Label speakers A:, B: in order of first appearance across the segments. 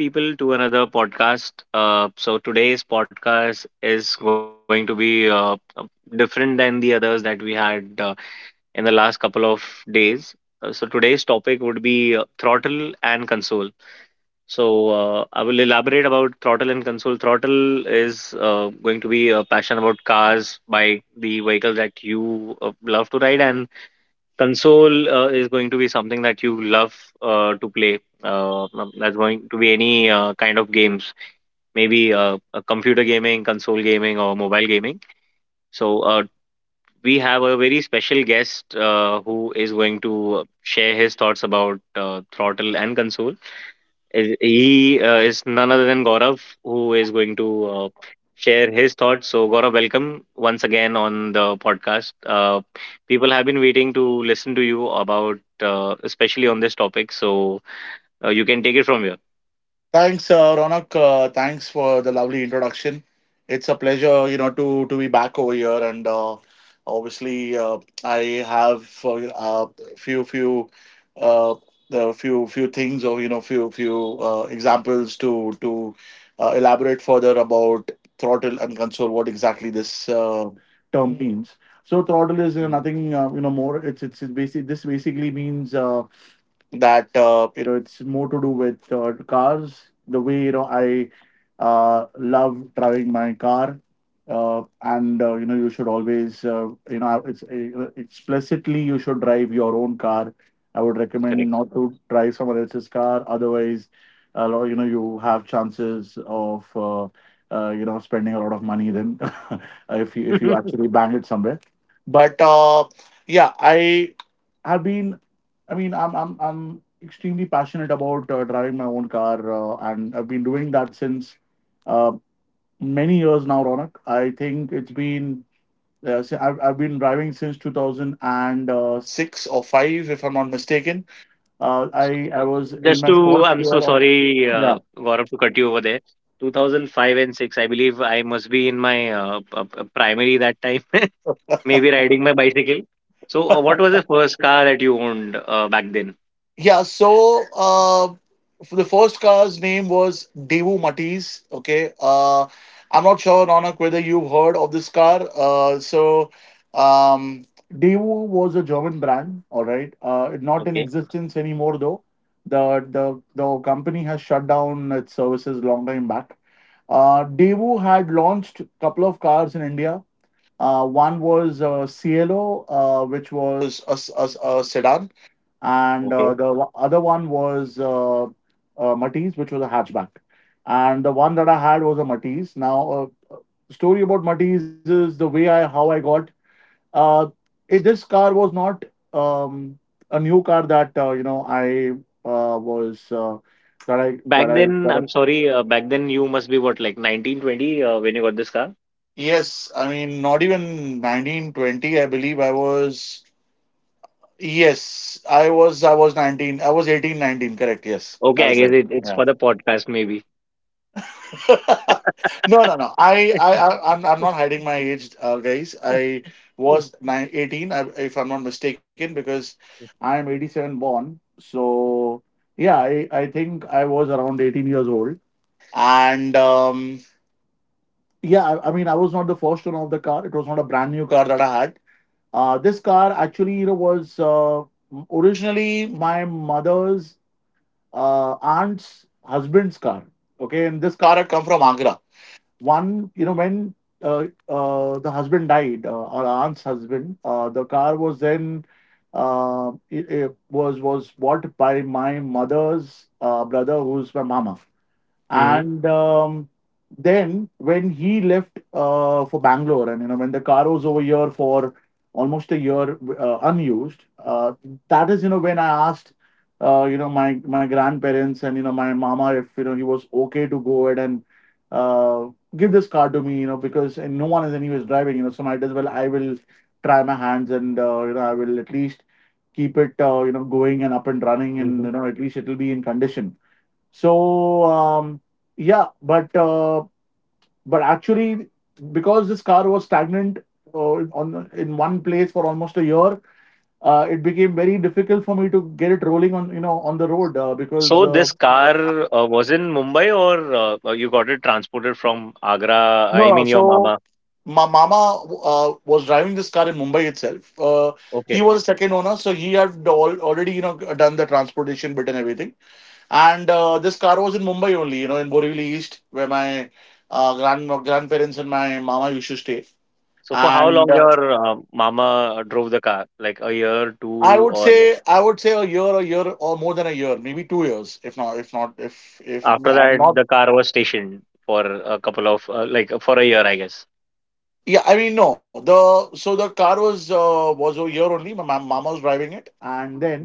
A: Welcome, people, to another podcast. Today's podcast is going to be different than the others that we had in the last couple of days. Today's topic would be throttle and console. I will elaborate about throttle and console. Throttle is going to be a passion about cars, bike, the vehicles that you love to ride, and console is going to be something that you love to play. That's going to be any kind of games, maybe computer gaming, console gaming, or mobile gaming. So we have a very special guest who is going to share his thoughts about Throttle and Console. He is none other than Gaurav, who is going to share his thoughts. So, Gaurav, welcome once again on the podcast. People have been waiting to listen to you about, especially on this topic. So you can take it from here.
B: Thanks, Ronak. Thanks for the lovely introduction. It's a pleasure, you know, to be back over here, and obviously, I have uh, uh, few uh, the few things or you know few examples to to elaborate further about throttle and console. What exactly this uh, term means. So throttle is you
A: Mhm.
B: nothing you know more. It basically this basically means, that you know it's more to do with cars, the way you know I love driving my car, and you know you should always, you know, it's explicitly, you should drive your own car. I would recommend
A: Correct.
B: not to drive someone else's car, otherwise a lot, you know, you have chances of you know spending a lot of money then if you actually bang it somewhere. But yeah, I have been, I mean, I'm extremely passionate about driving my own car, and I've been doing that since uh, many years now, Ronak. I think it's been I've been driving since 2006 or five, if I'm not mistaken. Uh, I I was in
A: Just
B: my first
A: I'm
B: year
A: so
B: of.
A: sorry,
B: Yeah.
A: Gaurav, to cut you over there. 2005 and 6, I believe I must be in my primary that time, maybe riding my bicycle. So, what was the first car that you owned back then?
B: Yeah, so for the first car's name was Devu Matisse. Okay, I'm not sure, Ronak, whether you've heard of this car. Um, Devu was a German brand. All right, it not in
A: Okay,
B: existence anymore though. The company has shut down its services long time back. Daewoo had launched a couple of cars in India. One was Cielo, which was a sedan, and
A: okay.
B: the other one was Matisse, which was a hatchback. And the one that I had was a Matisse. Now, story about Matisse is the way I how I got. Uh, it, this car was not um, a new car that you know I was that I
A: Back
B: that I
A: then,
B: that I.
A: I'm sorry, back then you must be what, like 1920 when you got this car?
B: Yes, I mean not even 1920. I believe I was. Yes, I was. I was 19. I was 18, 19. Correct. Yes,
A: Okay,
B: that
A: I
B: is
A: guess it's for
B: right.
A: the podcast, maybe.
B: No, no, no. I'm not hiding my age, guys. I was nine, 18, I- if I'm not mistaken, because I'm 87 born. So, yeah, I think I was around 18 years old. And yeah, I mean, I was not the first owner of the car. It was not a brand new car that I had. This car actually, you know, was originally my mother's aunt's husband's car. Okay, and this car had come from Agra. One, you know, when the husband died, our aunt's husband, the car was then it, it was bought by my mother's brother, who's my mama.
A: Mm-hmm.
B: And then when he left for Bangalore, and you know when the car was over here for almost a year unused, that is you know when I asked you know my grandparents and you know my mama if you know he was okay to go ahead and uh, give this car to me, you know, because and no one is anyways driving, you know, so might as well I will try my hands and you know I will at least keep it, you know, going and up and running, and
A: Hmm.
B: you know at least it will be in condition. So yeah, but actually, because this car was stagnant uh, on in one place for almost a year, it became very difficult for me to get it rolling on you know on the road because
A: So this car was in Mumbai or you got it transported from Agra?
B: no,
A: I
B: no.
A: mean, your
B: So
A: mama.
B: my mama was driving this car in Mumbai itself. He
A: Okay.
B: was a second owner, so he had all, already you know done the transportation bit and everything. And this car was in Mumbai only, you know, in Borivali East, where my grandparents and my mama used to stay.
A: So for how
B: And
A: long your mama drove the car? Like a year,
B: I
A: two,
B: would
A: or
B: say I would say a year, or more than a year, maybe 2 years, if
A: after
B: I'm
A: that
B: not.
A: the car was stationed for a couple of like for a year, I guess.
B: Yeah, I mean no. The so the car was a year only. My mama was driving it, and then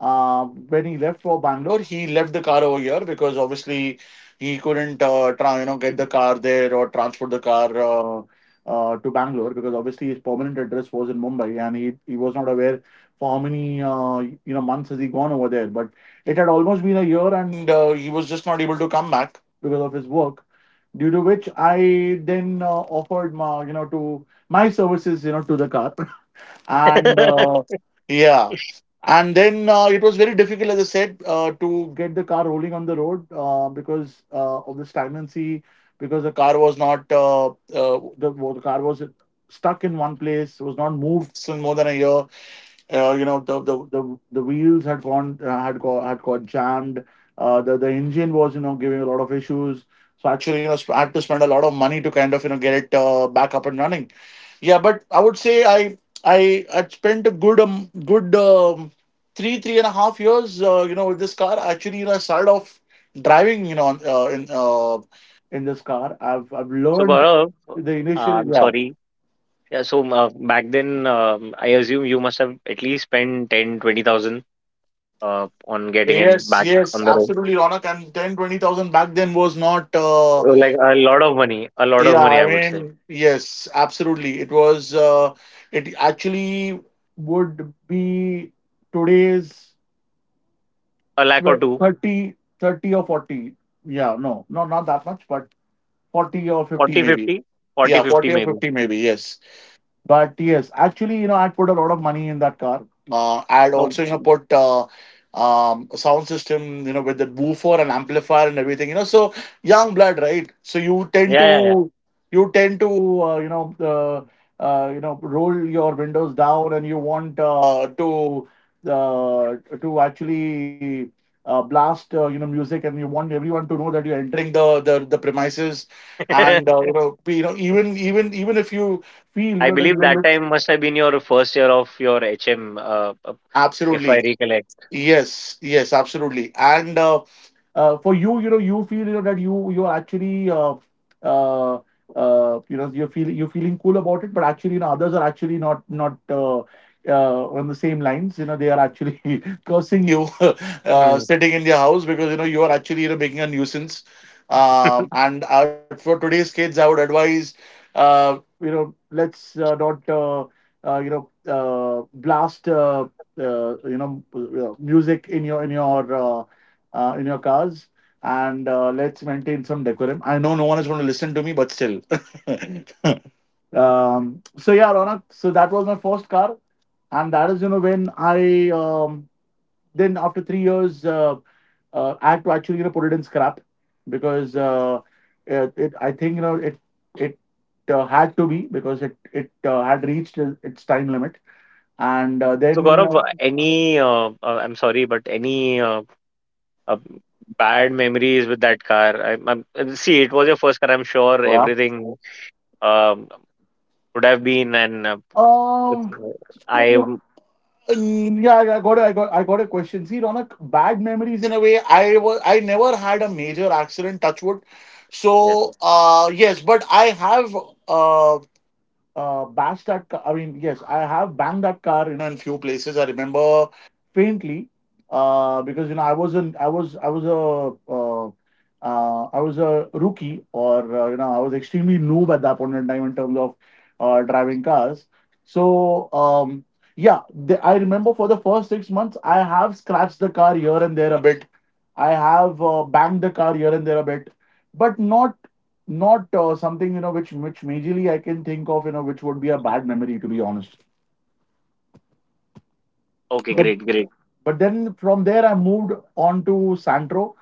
B: Uh, when he left for Bangalore, he left the car over here because obviously he couldn't try, you know, get the car there or transport the car to Bangalore, because obviously his permanent address was in Mumbai and he was not aware for how many you know months has he gone over there. But it had almost been a year, and he was just not able to come back because of his work. Due to which I then offered my you know to my services you know to the car. And yeah. And then it was very difficult as I said, to get the car rolling on the road because of the stagnancy. Because the car was not the, well, the car was stuck in one place, was not moved since more than a year. You know the wheels had gone, had got jammed, the engine was you know giving a lot of issues. So actually you know I had to spend a lot of money to kind of you know get it back up and running. Yeah, but I would say I spent a good good three and a half years you know with this car. Actually, you know, I started off driving you know in in this car. I've
A: So
B: learned
A: Gaurav,
B: the initial.
A: I'm
B: Yeah.
A: sorry. Yeah, so back then I assume you must have at least spent 10, 20,000, on getting it back
B: Yes,
A: on the
B: yes,
A: road.
B: absolutely, Ronak. And 10, 20 thousand back then was not,
A: Like a lot of money, a lot of
B: yeah,
A: money I
B: I
A: would say.
B: mean, yes, absolutely. It was, it actually would be today's
A: A lakh or two,
B: 30, thirty or 40. Yeah, no, no, not that much, but 40 or 50
A: forty
B: maybe.
A: fifty, forty
B: Yeah,
A: fifty
B: 40 or
A: maybe.
B: 50 maybe, yes. But yes, actually, you know, I'd put a lot of money in that car. I'd
A: No,
B: also, you know, put a sound system, you know, with the woofer and amplifier and everything. You know, so young blood, right? So you tend
A: yeah, yeah,
B: to, you tend to, uh, you know, roll your windows down, and you want uh, to actually blast, you know, music, and you want everyone to know that you're entering the premises.
A: yeah.
B: And you know, you know, even if you feel you
A: I
B: know that
A: believe
B: you're
A: that time must have been your first year of your HM, if I
B: absolutely.
A: recollect.
B: Yes, yes, absolutely. And for you, you know, you feel you know that you you're actually uh, you know you're feeling cool about it, but actually, you know, others are actually not. On the same lines, you know, they are actually cursing you
A: Mm.
B: sitting in their house because you know you are actually you know making a nuisance. And for today's kids, I would advise, you know, let's not, you know, blast, you know, music in your in your cars, and let's maintain some decorum. I know no one is going to listen to me, but still. So yeah, Ronak. So that was my first car, and that is you know when I, then after 3 years, I had to actually you know put it in scrap, because it, it I think you know it had to be, because it had reached its time limit. And
A: So,
B: then
A: Gaurav, any, I'm sorry, but any uh, bad memories with that car? See, it was your first car. I'm sure
B: uh,
A: everything um, would have been, and
B: um.
A: uh, I,
B: No, no.
A: am-
B: Yeah, I got a question. See, Ronak, bad memories in a way. I never had a major accident, touch wood. So
A: yeah.
B: yes, but I have uh bash that car. I mean, yes, I have banged that car, you know, in few places. I remember faintly, because you know I wasn't. I was a. I was a rookie, or you know, I was extremely noob at that point in time in terms of driving cars. So yeah, the, I remember for the first 6 months, I have scratched the car here and there a bit. I have banged the car here and there a bit, but not, something you know which majorly I can think of, you know, which would be a bad memory, to be honest.
A: Okay,
B: But
A: great, great.
B: then from there I moved on to Santro,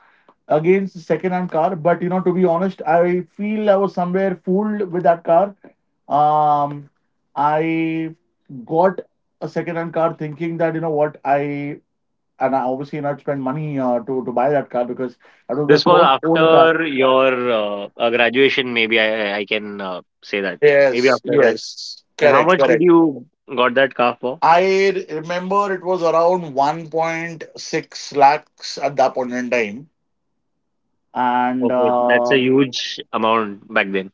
B: against second-hand car. But you know, to be honest, I feel I was somewhere fooled with that car. Um, I got a second-hand car thinking that, you know what, I obviously not spend money to buy that car because that was the
A: This was
B: first owned car.
A: after your graduation, maybe I can say that. Maybe
B: Yes,
A: after grad.
B: yes,
A: And how
B: correct,
A: much did
B: correct.
A: you got that car for?
B: I remember it was around 1.6 lakhs at that point in time. And
A: Okay, that's a huge amount back then.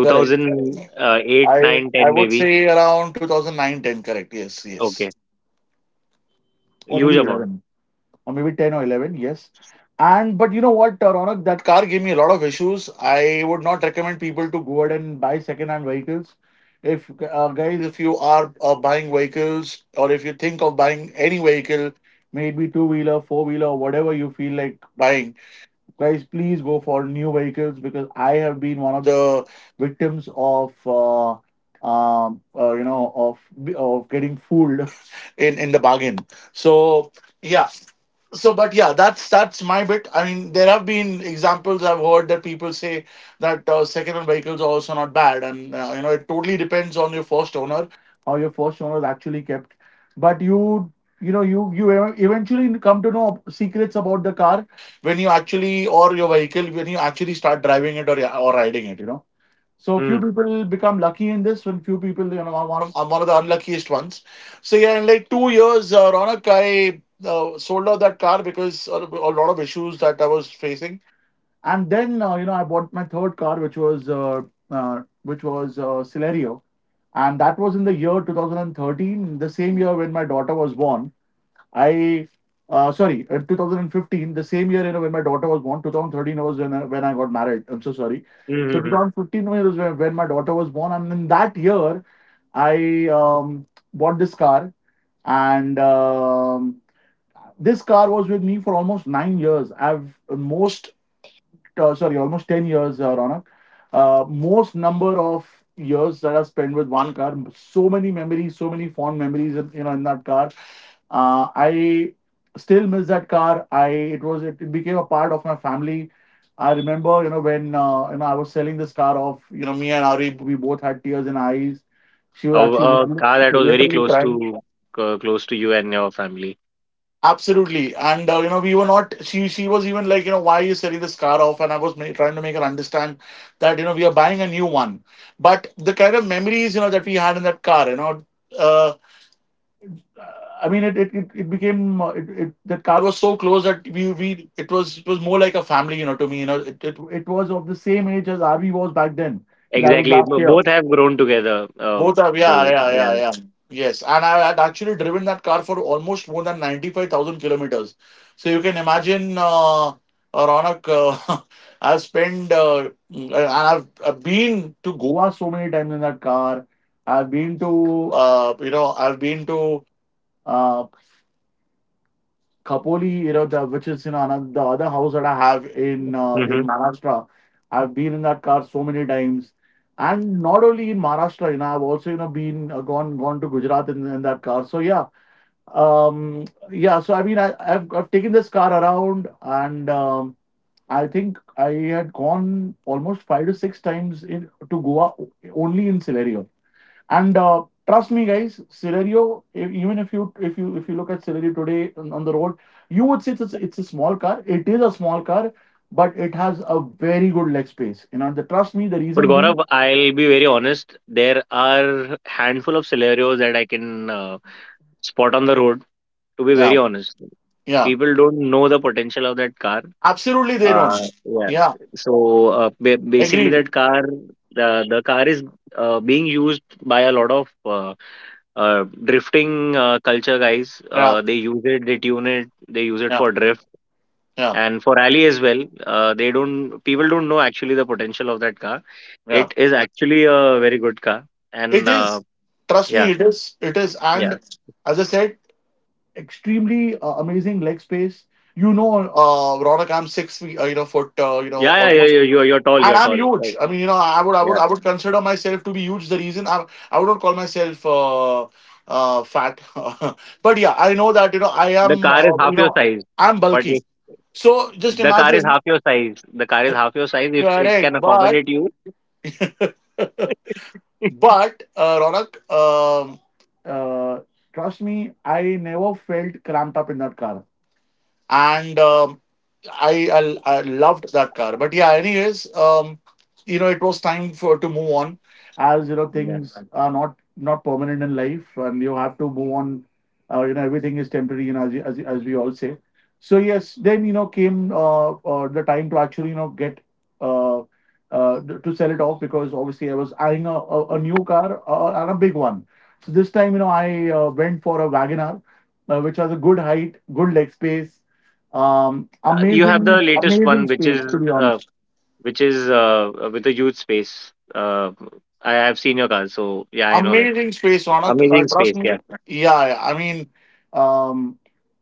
B: correct.
A: eight,
B: I
A: nine,
B: I
A: ten,
B: would
A: maybe.
B: say around 2009 ten. Correct. Yes, yes.
A: Okay,
B: Or
A: huge
B: maybe
A: amount.
B: 11. Or maybe 10 or 11, yes. And but you know what, Ronak, that car gave me a lot of issues. I would not recommend people to go ahead and buy second-hand vehicles. If guys, if you are buying vehicles, or if you think of buying any vehicle, maybe two-wheeler, four-wheeler, whatever you feel like buying, guys, please go for new vehicles, because I have been one of the victims of you know, of getting fooled in the bargain. So yeah. So but yeah, that's my bit. I mean, there have been examples I've heard that people say that second-hand vehicles are also not bad, and you know, it totally depends on your first owner, how your first owner actually kept. But you know, you eventually come to know secrets about the car when you actually, or your vehicle, when you actually start driving it, or yeah, or riding it, you know. So few
A: Mm.
B: people become lucky in this, and few people, you know, I'm one of the unluckiest ones. So yeah, in like 2 years, Ronak, I sold out that car because of a lot of issues that I was facing. And then, you know, I bought my third car, which was Celerio, and that was in the year 2013, the same year when my daughter was born. I sorry, in 2015, the same year, you know, when my daughter was born. 2013 was when I got married. I'm so sorry. So
A: Mm-hmm.
B: 2015 was when my daughter was born, and in that year, I bought this car, and this car was with me for almost 9 years. I've most sorry, almost 10 years, Ronak. Most number of years that I've spent with one car. So many memories, so many fond memories in, you know, in that car. I still miss that car. I it was it, It became a part of my family. I remember, you know, when you know, I was selling this car off, you know, me and Ari, we both had tears in our eyes. She was actually
A: A
B: literally,
A: car that was very
B: literally
A: close
B: crying.
A: to close to you and your family.
B: Absolutely, and you know, we were not. She was even like, you know, why are you selling this car off? And I was trying to make her understand that, you know, we are buying a new one. But the kind of memories, you know, that we had in that car, you know, uh, I mean, it became it, it that car was so close that we it was, it was more like a family, you know, to me. You know, it was of the same age as RV was back then. That was
A: Exactly.
B: last year.
A: Both have grown together.
B: Both are, yeah,
A: So
B: yeah, yeah,
A: yeah.
B: yeah. Yes, and I had actually driven that car for almost more than 95,000 kilometers. So you can imagine, Ronak, I've spent I've been to Goa so many times in that car. I've been to, you know, I've been to uh, Khopoli, you know, which is, you know, another, the other house that I have in
A: Mm-hmm.
B: Maharashtra. I've been in that car so many times, and not only in Maharashtra, you know, I've also, you know, been gone to Gujarat in that car. So yeah, yeah. So I mean, I've taken this car around, and I think I had gone almost five to six times in to Goa only in Celerio. And trust me, guys, Celerio, if, even if you look at Celerio today on the road, you would say it's it's a small car. It is a small car, but it has a very good leg space. You know, the trust me. The
A: But
B: reason being,
A: Gaurav, I'll be very honest. There are handful of scenarios that I can spot on the road. To be
B: yeah,
A: very honest,
B: yeah,
A: people don't know the potential of that car.
B: absolutely, they don't.
A: Yeah.
B: Yeah,
A: So basically,
B: agreed.
A: that car, the car is being used by a lot of drifting culture guys.
B: Yeah,
A: They use it, they tune it, they use it
B: yeah,
A: for drift
B: yeah,
A: and for rally as well. They don't, people don't know actually the potential of that car.
B: yeah.
A: It is actually a very good car, and
B: It is. Trust me,
A: yeah,
B: it is. It is.
A: yeah,
B: And as I said, extremely amazing leg space. You know, Ronak, I'm 6 feet, you know, foot, you know,
A: yeah, yeah. Yeah,
B: almost,
A: you're tall,
B: and
A: you're
B: I'm
A: tall.
B: huge.
A: Right.
B: I mean, you know,
A: Yeah,
B: I would consider myself to be huge. The reason I would not call myself fat, but yeah, I know that, you know, I
A: the
B: am,
A: car is half
B: you
A: your
B: know,
A: size,
B: I'm
A: but
B: bulky. So just
A: the car is
B: imagine,
A: half your size. The car is half your size if it can
B: correct. But,
A: accommodate you.
B: but Ronak, uh, trust me, I never felt cramped up in that car, and I, I loved that car. But yeah, anyways, you know, it was time for to move on, as you know,
A: Yeah.
B: things are not permanent in life, and you have to move on. You know, everything is temporary, you know, as we all say. So yes, then, you know, came the time to actually, you know, get uh to sell it off, because obviously I was eyeing a new car and a big one. So this time, you know, I went for a Wagoner, which has a good height, good leg space,
A: You have the
B: amazing,
A: latest
B: amazing
A: one, which is
B: space, to be honest.
A: with the huge space. I have seen your car, so yeah, I know that.
B: Amazing space, Ronak.
A: Amazing
B: Trust
A: space, yeah.
B: me. Yeah, yeah. I mean, um,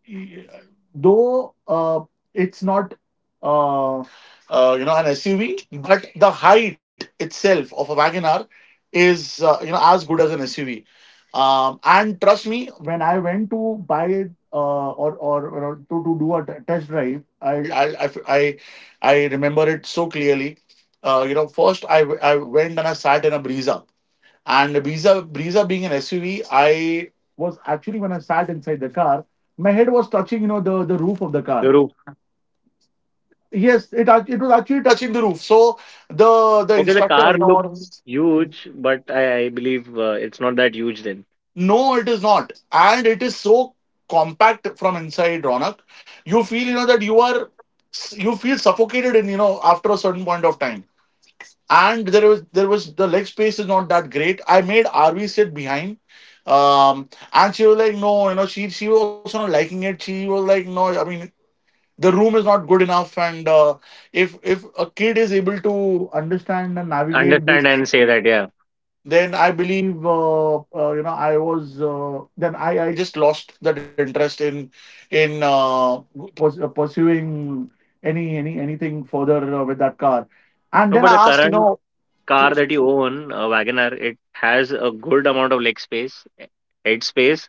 B: y- though it's not, you know, an SUV, but the height itself of a Wagoner is, you know, as good as an SUV. And trust me, when I went to buy it or, you know, to do a test drive, I remember it so clearly. You know, first I went and I sat in a Brisa, and Brisa, being an SUV, I was actually, when I sat inside the car, my head was touching, you know, the roof of the
A: The
B: car.
A: roof.
B: Yes, it was actually touching the roof. So the
A: Okay, the
B: instructor,
A: car
B: you know,
A: looks
B: or
A: huge, but I believe it's not that huge then.
B: no, it is not, and it is so compact from inside, Ronak. You feel, you know, that you are, you feel suffocated in, you know, after a certain point of time. And the leg space is not that great. I made RV sit behind, and she was like, no, you know, she was also not liking it. She was like, no, I mean, the room is not good enough, and if a kid is able to understand and navigate
A: Understand
B: this,
A: and say that, yeah.
B: then I believe you know, I was then I just lost that interest in in uh, pursuing anything further with that car, and
A: No,
B: then
A: but the
B: I asked, you
A: current
B: know. To,
A: car that you own, Wagoner, it has a good amount of leg space, head space,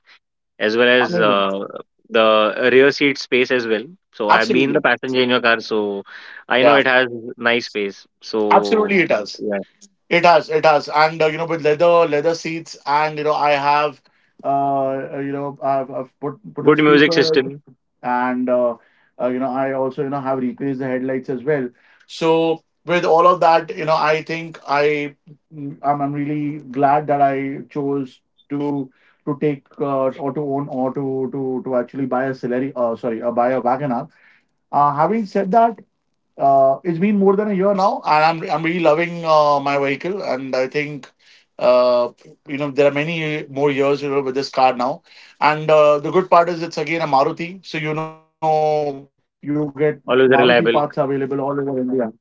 A: as well as
B: amazing.
A: the rear seat space as well. So I've been the
B: Absolutely.
A: passenger in your car, so I know
B: Yeah.
A: it has nice space. So
B: Absolutely, it does.
A: yeah,
B: It does. It does. And you know, with leather, leather seats, and you know, I have, uh, you know, I've put in
A: good music
B: speakers,
A: system,
B: and you know, I also, you know, have replaced the headlights as well. So with all of that, you know, I think I'm really glad that I chose to take or to own or to actually buy a Celery, sorry, buy a Wagoner. Having said that, it's been more than a year now, and I'm really loving my vehicle, and I think uh, you know, there are many more years, you know, with this car now. And the good part is, it's again a Maruti, so you know, you get
A: always
B: Maruti
A: reliable.
B: parts available all over India.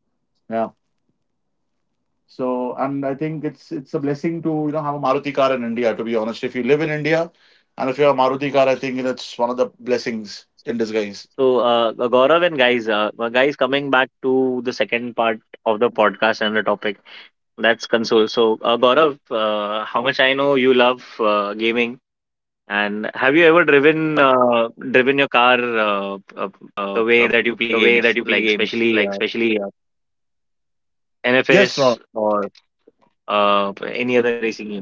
B: Yeah. So think it's a blessing to, you know, have a Maruti car in India. To be honest, if you live in India and if you have a Maruti car, I think that's one of the blessings in disguise.
A: So Gaurav and guys, guys, coming back to the second part of the podcast and the topic that's console. So Gaurav, how much I know you love gaming, and have you ever driven driven your car
C: Are
A: the way that you
C: The
A: play
C: way that
A: games,
C: you play
A: like
C: games,
A: especially
C: like especially.
A: NFS
C: Yes, Ron.
A: or any other racing game.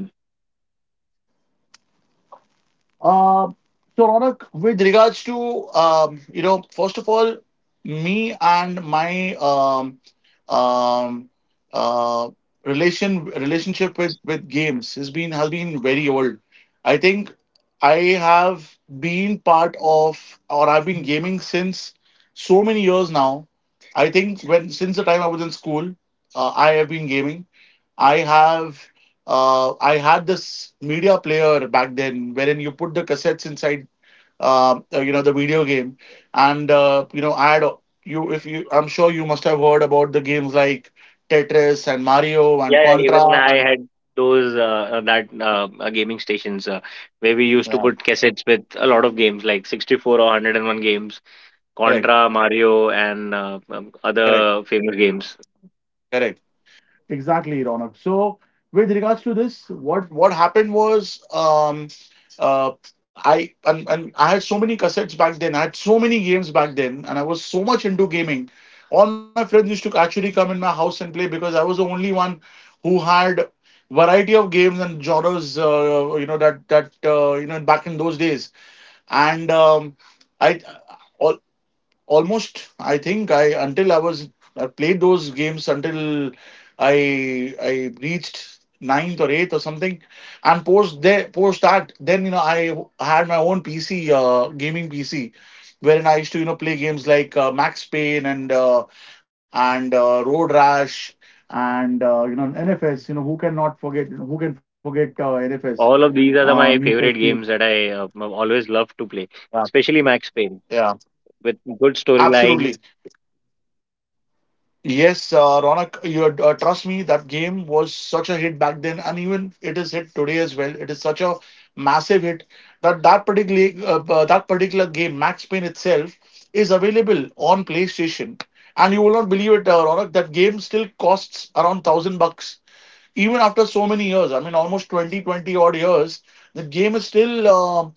C: Uh, so, Ronak, with regards to, first of all, me and my um, uh, relationship with games has been very old. I think I have been part of, or I've been gaming since so many years now. I think, when since the time I was in school, I have been gaming. I have I had this media player back then, wherein you put the cassettes inside. You know, the video game. And you know, I had you. If you, I'm sure you must have heard about the games like Tetris and Mario and
A: Yeah, yeah, even
C: Contra.
A: I
C: And
A: had those that gaming stations where we used to
C: yeah,
A: put cassettes with a lot of games like 64 or 101 games,
C: correct,
A: Contra, Mario, and
C: correct,
A: other famous games.
C: correct. Exactly, Ronak. So, with regards to this, what happened was. Uh, and I had so many cassettes back then. I had so many games back then, and I was so much into gaming. All my friends used to actually come in my house and play because I was the only one who had variety of games and genres. You know that back in those days. And I. all, almost, I think, I until I was, I played those games until I I reached ninth or eighth or something. And post that, then you know I had my own PC, gaming PC, wherein I used to, you know, play games like Max Payne, and Road Rash, and you know, NFS. You know, who cannot forget who can forget, NFS,
A: All of these are the, my
C: Need for
A: favorite
C: Speed?
A: games that I always love to play,
C: Yeah.
A: especially Max Payne
C: Yeah,
A: with good storyline.
C: absolutely. Yes, Ronak, you trust me, that game was such a hit back then, and even it is hit today as well. It is such a massive hit that that particular game, Max Payne itself, is available on PlayStation. And you will not believe it, Ronak, that game still costs around 1,000 bucks even after so many years. I mean, almost 20 odd years, the game is still uh,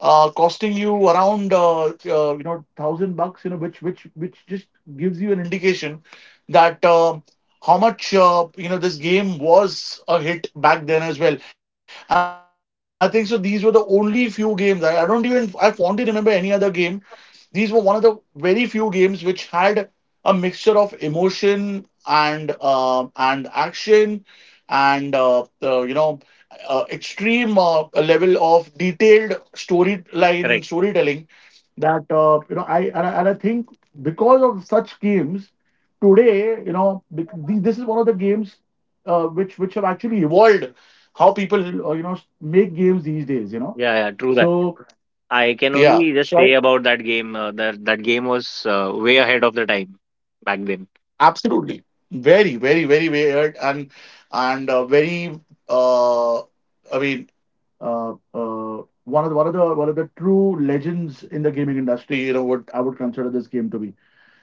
C: uh, costing you around 1,000 bucks. You know, which just gives you an indication that. How much, this game was a hit back then as well. I think so. These were the only few games. I don't even. I Fondly remember any other game. These were one of the very few games which had a mixture of emotion and action, and extreme level of detailed storyline
A: Correct.
C: storytelling, that I think because of such games today, this is one of the games, which have actually evolved how people, you know, make games these days.
A: Yeah, yeah, true that.
C: So
A: I can
C: yeah.
A: only just say about that game that that game was way ahead of the time back then.
C: Absolutely. Very, very, very weird, and very, I mean, one of the true legends in the gaming industry, you know, what I would consider this game to be.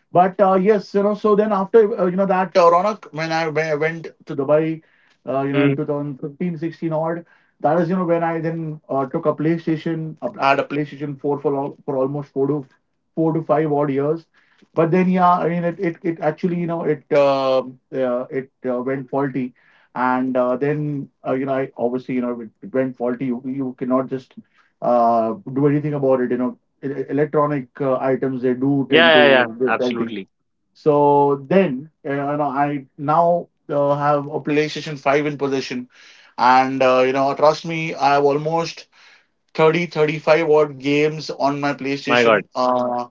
C: But yes, you know, so then after, you know that Ronak, when I went to Dubai, you know, in
A: Mm.
C: 2015, 16 odd. That is, you know, when I then took a PlayStation. I had a PlayStation 4 for all, for almost four to five odd years. But then yeah, I mean it actually, you know it it went faulty. And then, you know, I obviously, you know, it went faulty. You cannot just do anything about it. You know, electronic items, they do
A: Yeah,
C: tend
A: yeah, yeah.
C: to be faulty.
A: Absolutely.
C: So then, you know, I now have a PlayStation 5 in possession, and you know, trust me, I have almost 30 35 odd games on my
A: My God.
C: PlayStation.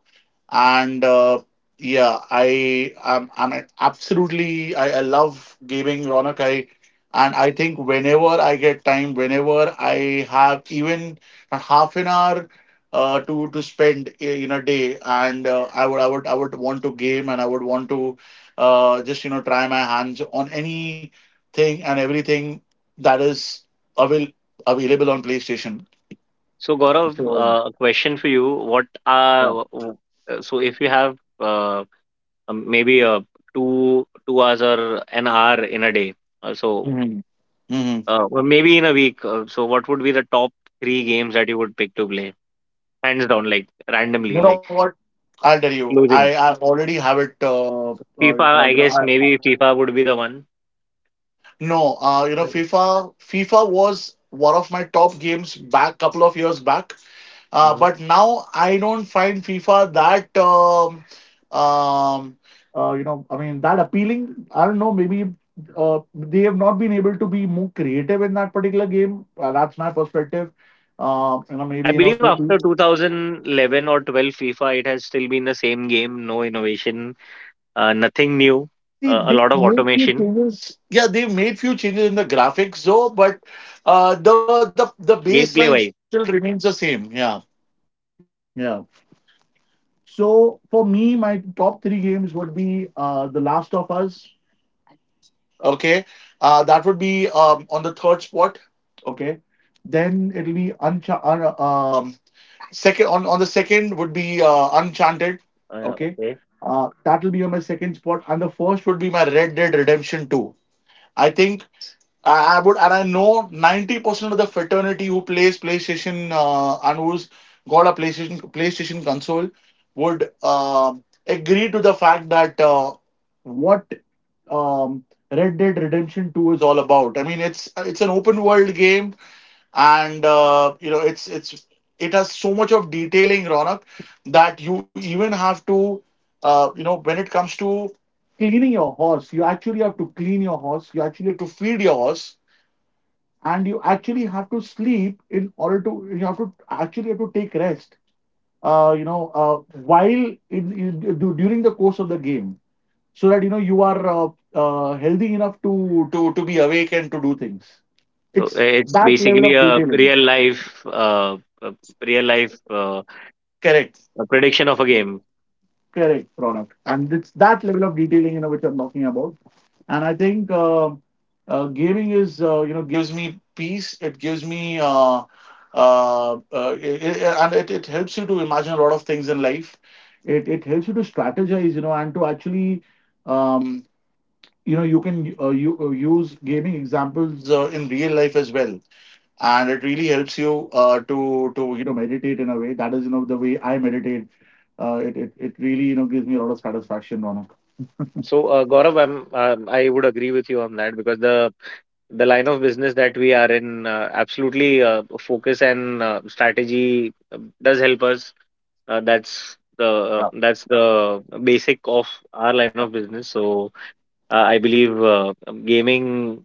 C: And Yeah, I'm absolutely. I love gaming, Ronak. I And I think, whenever I get time, whenever I have even a half an hour to spend, in a day, and I would want to game, and I would want to just, you know, try my hands on anything and everything that is avail- available on PlayStation.
A: So, Gaurav,
C: So
A: a question for you. What are
C: yeah.
A: so if you have maybe two two hours or an hour in a day, uh, so
C: Hmm.
A: or maybe in a week. So, what would be the top three games that you would pick to play? Hands down, like randomly,
C: You
A: like
C: know what? I'll tell you.
A: losing. Up.
C: I already have it. Uh,
A: FIFA,
C: uh,
A: I
C: you know,
A: guess
C: I,
A: maybe FIFA would be the one.
C: no. You know, FIFA. FIFA was one of my top games back, couple of years back.
A: Hmm.
C: But now I don't find FIFA that. Um, you know, I mean, that appealing. I don't know. Maybe they have not been able to be more creative in that particular game. That's my perspective. You know, maybe,
A: I
C: you
A: believe after
C: know.
A: 2011 or 12 FIFA, it has still been the same game, no innovation. Nothing new,
C: See,
A: a
C: they
A: lot of
C: made few
A: automation,
C: changes. Yeah, they made few changes in the graphics, though. But the baseline
A: gameplay
C: still
A: wise.
C: remains the same. Yeah, yeah. So for me, my top three games would be The Last of Us. Okay, that would be on the third spot. Okay. Then it'll be Uncha. Second on the second would be Uncharted.
A: Uh,
C: Okay,
A: okay,
C: that'll be on my second spot, and the first would be my Red Dead Redemption Two. I think I would, and I know 90% of the fraternity who plays PlayStation, and who's got a PlayStation console, would agree to the fact that, what um, Red Dead Redemption 2 is all about. I mean, it's an open world game, and you know, it has so much of detailing, Ronak, that you even have to, you know, when it comes to cleaning your horse. You actually have to clean your horse. You actually have to feed your horse, and you actually have to sleep in order to. You have to actually have to take rest. You know, while during the course of the game, so that you know you are healthy enough to be awake and to do things.
A: so
C: It's
A: it's
C: that level
A: basically
C: of
A: a
C: detailing.
A: real life
C: Correct.
A: a prediction of a game.
C: Correct product, and it's that level of detailing, you know, which I'm talking about. And I think, gaming is, you know, gives me peace. It gives me, and it helps you to imagine a lot of things in life. It helps you to strategize, you know, and to actually, um, you know, you can, you use gaming examples, in real life as well. And it really helps you to you know, meditate in a way that is, you know, the way I meditate. It really, you know, gives me a lot of satisfaction, Ronak.
A: So Gaurav, I would agree with you on that because the line of business that we are in absolutely focus and strategy does help us.
C: Yeah,
A: That's the basic of our line of business. So I believe gaming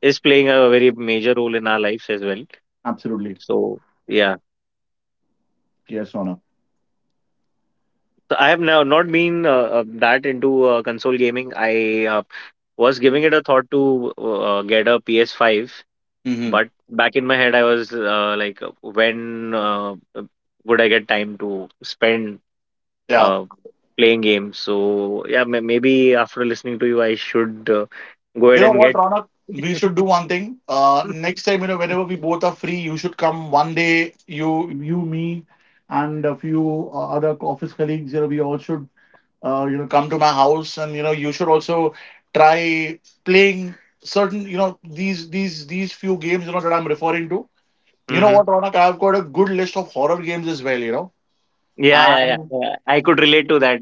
A: is playing a very major role in our lives as well.
C: absolutely.
A: So yeah,
C: Yes, Ronak.
A: so I have now not been that into console gaming. I was giving it a thought to get a PS5,
C: Mm-hmm.
A: but back in my head I was like, when would I get time to spend
C: Yeah.
A: uh, playing games? So yeah, maybe after listening to you, I should go
C: You
A: ahead
C: know
A: and
C: what,
A: get.
C: Ronak? We should do one thing. Next time, whenever we both are free, you should come one day. You, me, and a few other office colleagues. You know, we all should, you know, come to my house, and you know, you should also try playing certain, you know, these few games. You know that I'm referring to. You know
A: Hmm.
C: what, Ronak? I've got a good list of horror games as well. You know.
A: Yeah, yeah, yeah,
C: And
A: yeah. I could relate to that.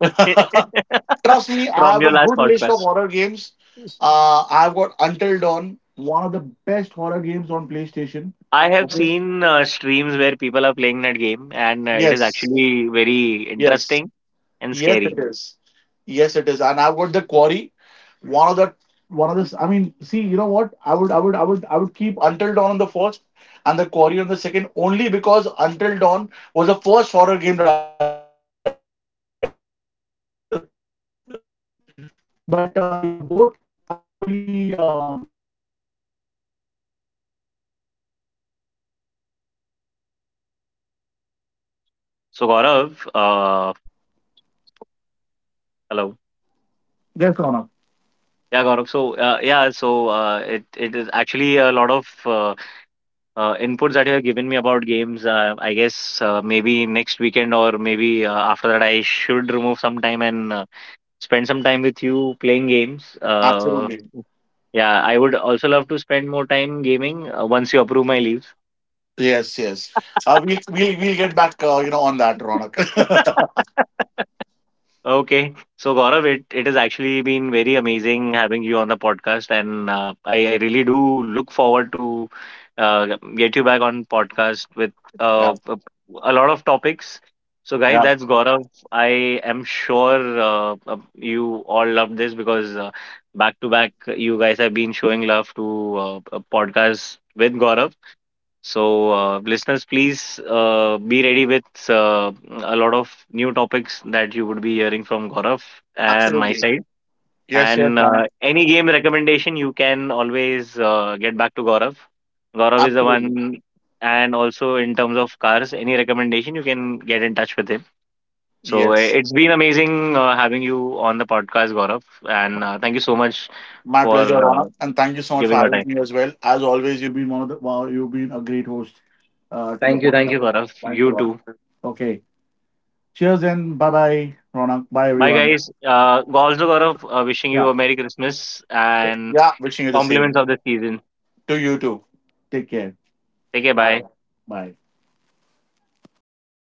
C: trust me, I
A: From
C: have a
A: your last
C: good list of
A: podcast.
C: horror games. I've got Until Dawn, one of the best horror games on PlayStation.
A: I have seen streams where people are playing that game, and it is actually very interesting and
C: Yes, it-
A: scary.
C: yes, it is, and I've got The Quarry, one of the one of the. I mean, see, you know what? I would keep Until Dawn on the first, and The Quarry on the second, only because Until Dawn was the first horror game that I played. But yeah, both are equally.
A: So Gaurav, hello.
B: Yes, Ronak.
A: Yeah, Gaurav. So yeah, so it it is actually a lot of inputs that you have given me about games. I guess maybe next weekend or maybe after that, I should remove some time and spend some time with you playing games.
B: Absolutely.
A: Yeah, I would also love to spend more time gaming once you approve my leaves.
B: Yes, yes. We'll get back, you know, on that, Ronak.
A: Okay. So Gaurav, it has actually been very amazing having you on the podcast, and I really do look forward to uh, get you back on podcast with
B: Yeah,
A: uh, a a lot of topics. So guys,
B: yeah.
A: that's Gaurav. I am sure you all love this because back to back, you guys have been showing love to a podcast with Gaurav. So, listeners, please be ready with a lot of new topics that you would be hearing from Gaurav and my
B: Absolutely.
A: side.
B: Yes, yes,
A: And
B: Ronak.
A: any game recommendation, you can always get back to Gaurav. Gaurav is the
B: Absolutely.
A: one, and also in terms of cars, any recommendation, you can get in touch with him. So,
B: Yes.
A: it's been amazing having you on the podcast, Gaurav. And thank you so much
B: My
A: for
B: pleasure, Ronak. And thank you so much for
A: giving your
B: having
A: time.
B: me as well. As always, you've been one of the, wow, you've been a great host to the
A: Thank
B: podcast.
A: you, Gaurav.
B: Thanks a
A: You
B: lot.
A: too.
B: Okay. Cheers and bye-bye, Ronak. Bye,
A: Bye,
B: everyone.
A: guys. Also, Gaurav, wishing you
B: Yeah.
A: a Merry Christmas and
B: Yeah. Wishing you the same.
A: compliments of the season.
B: To you too. Take care.
A: Take care.
B: Bye.
A: Bye.
B: Bye.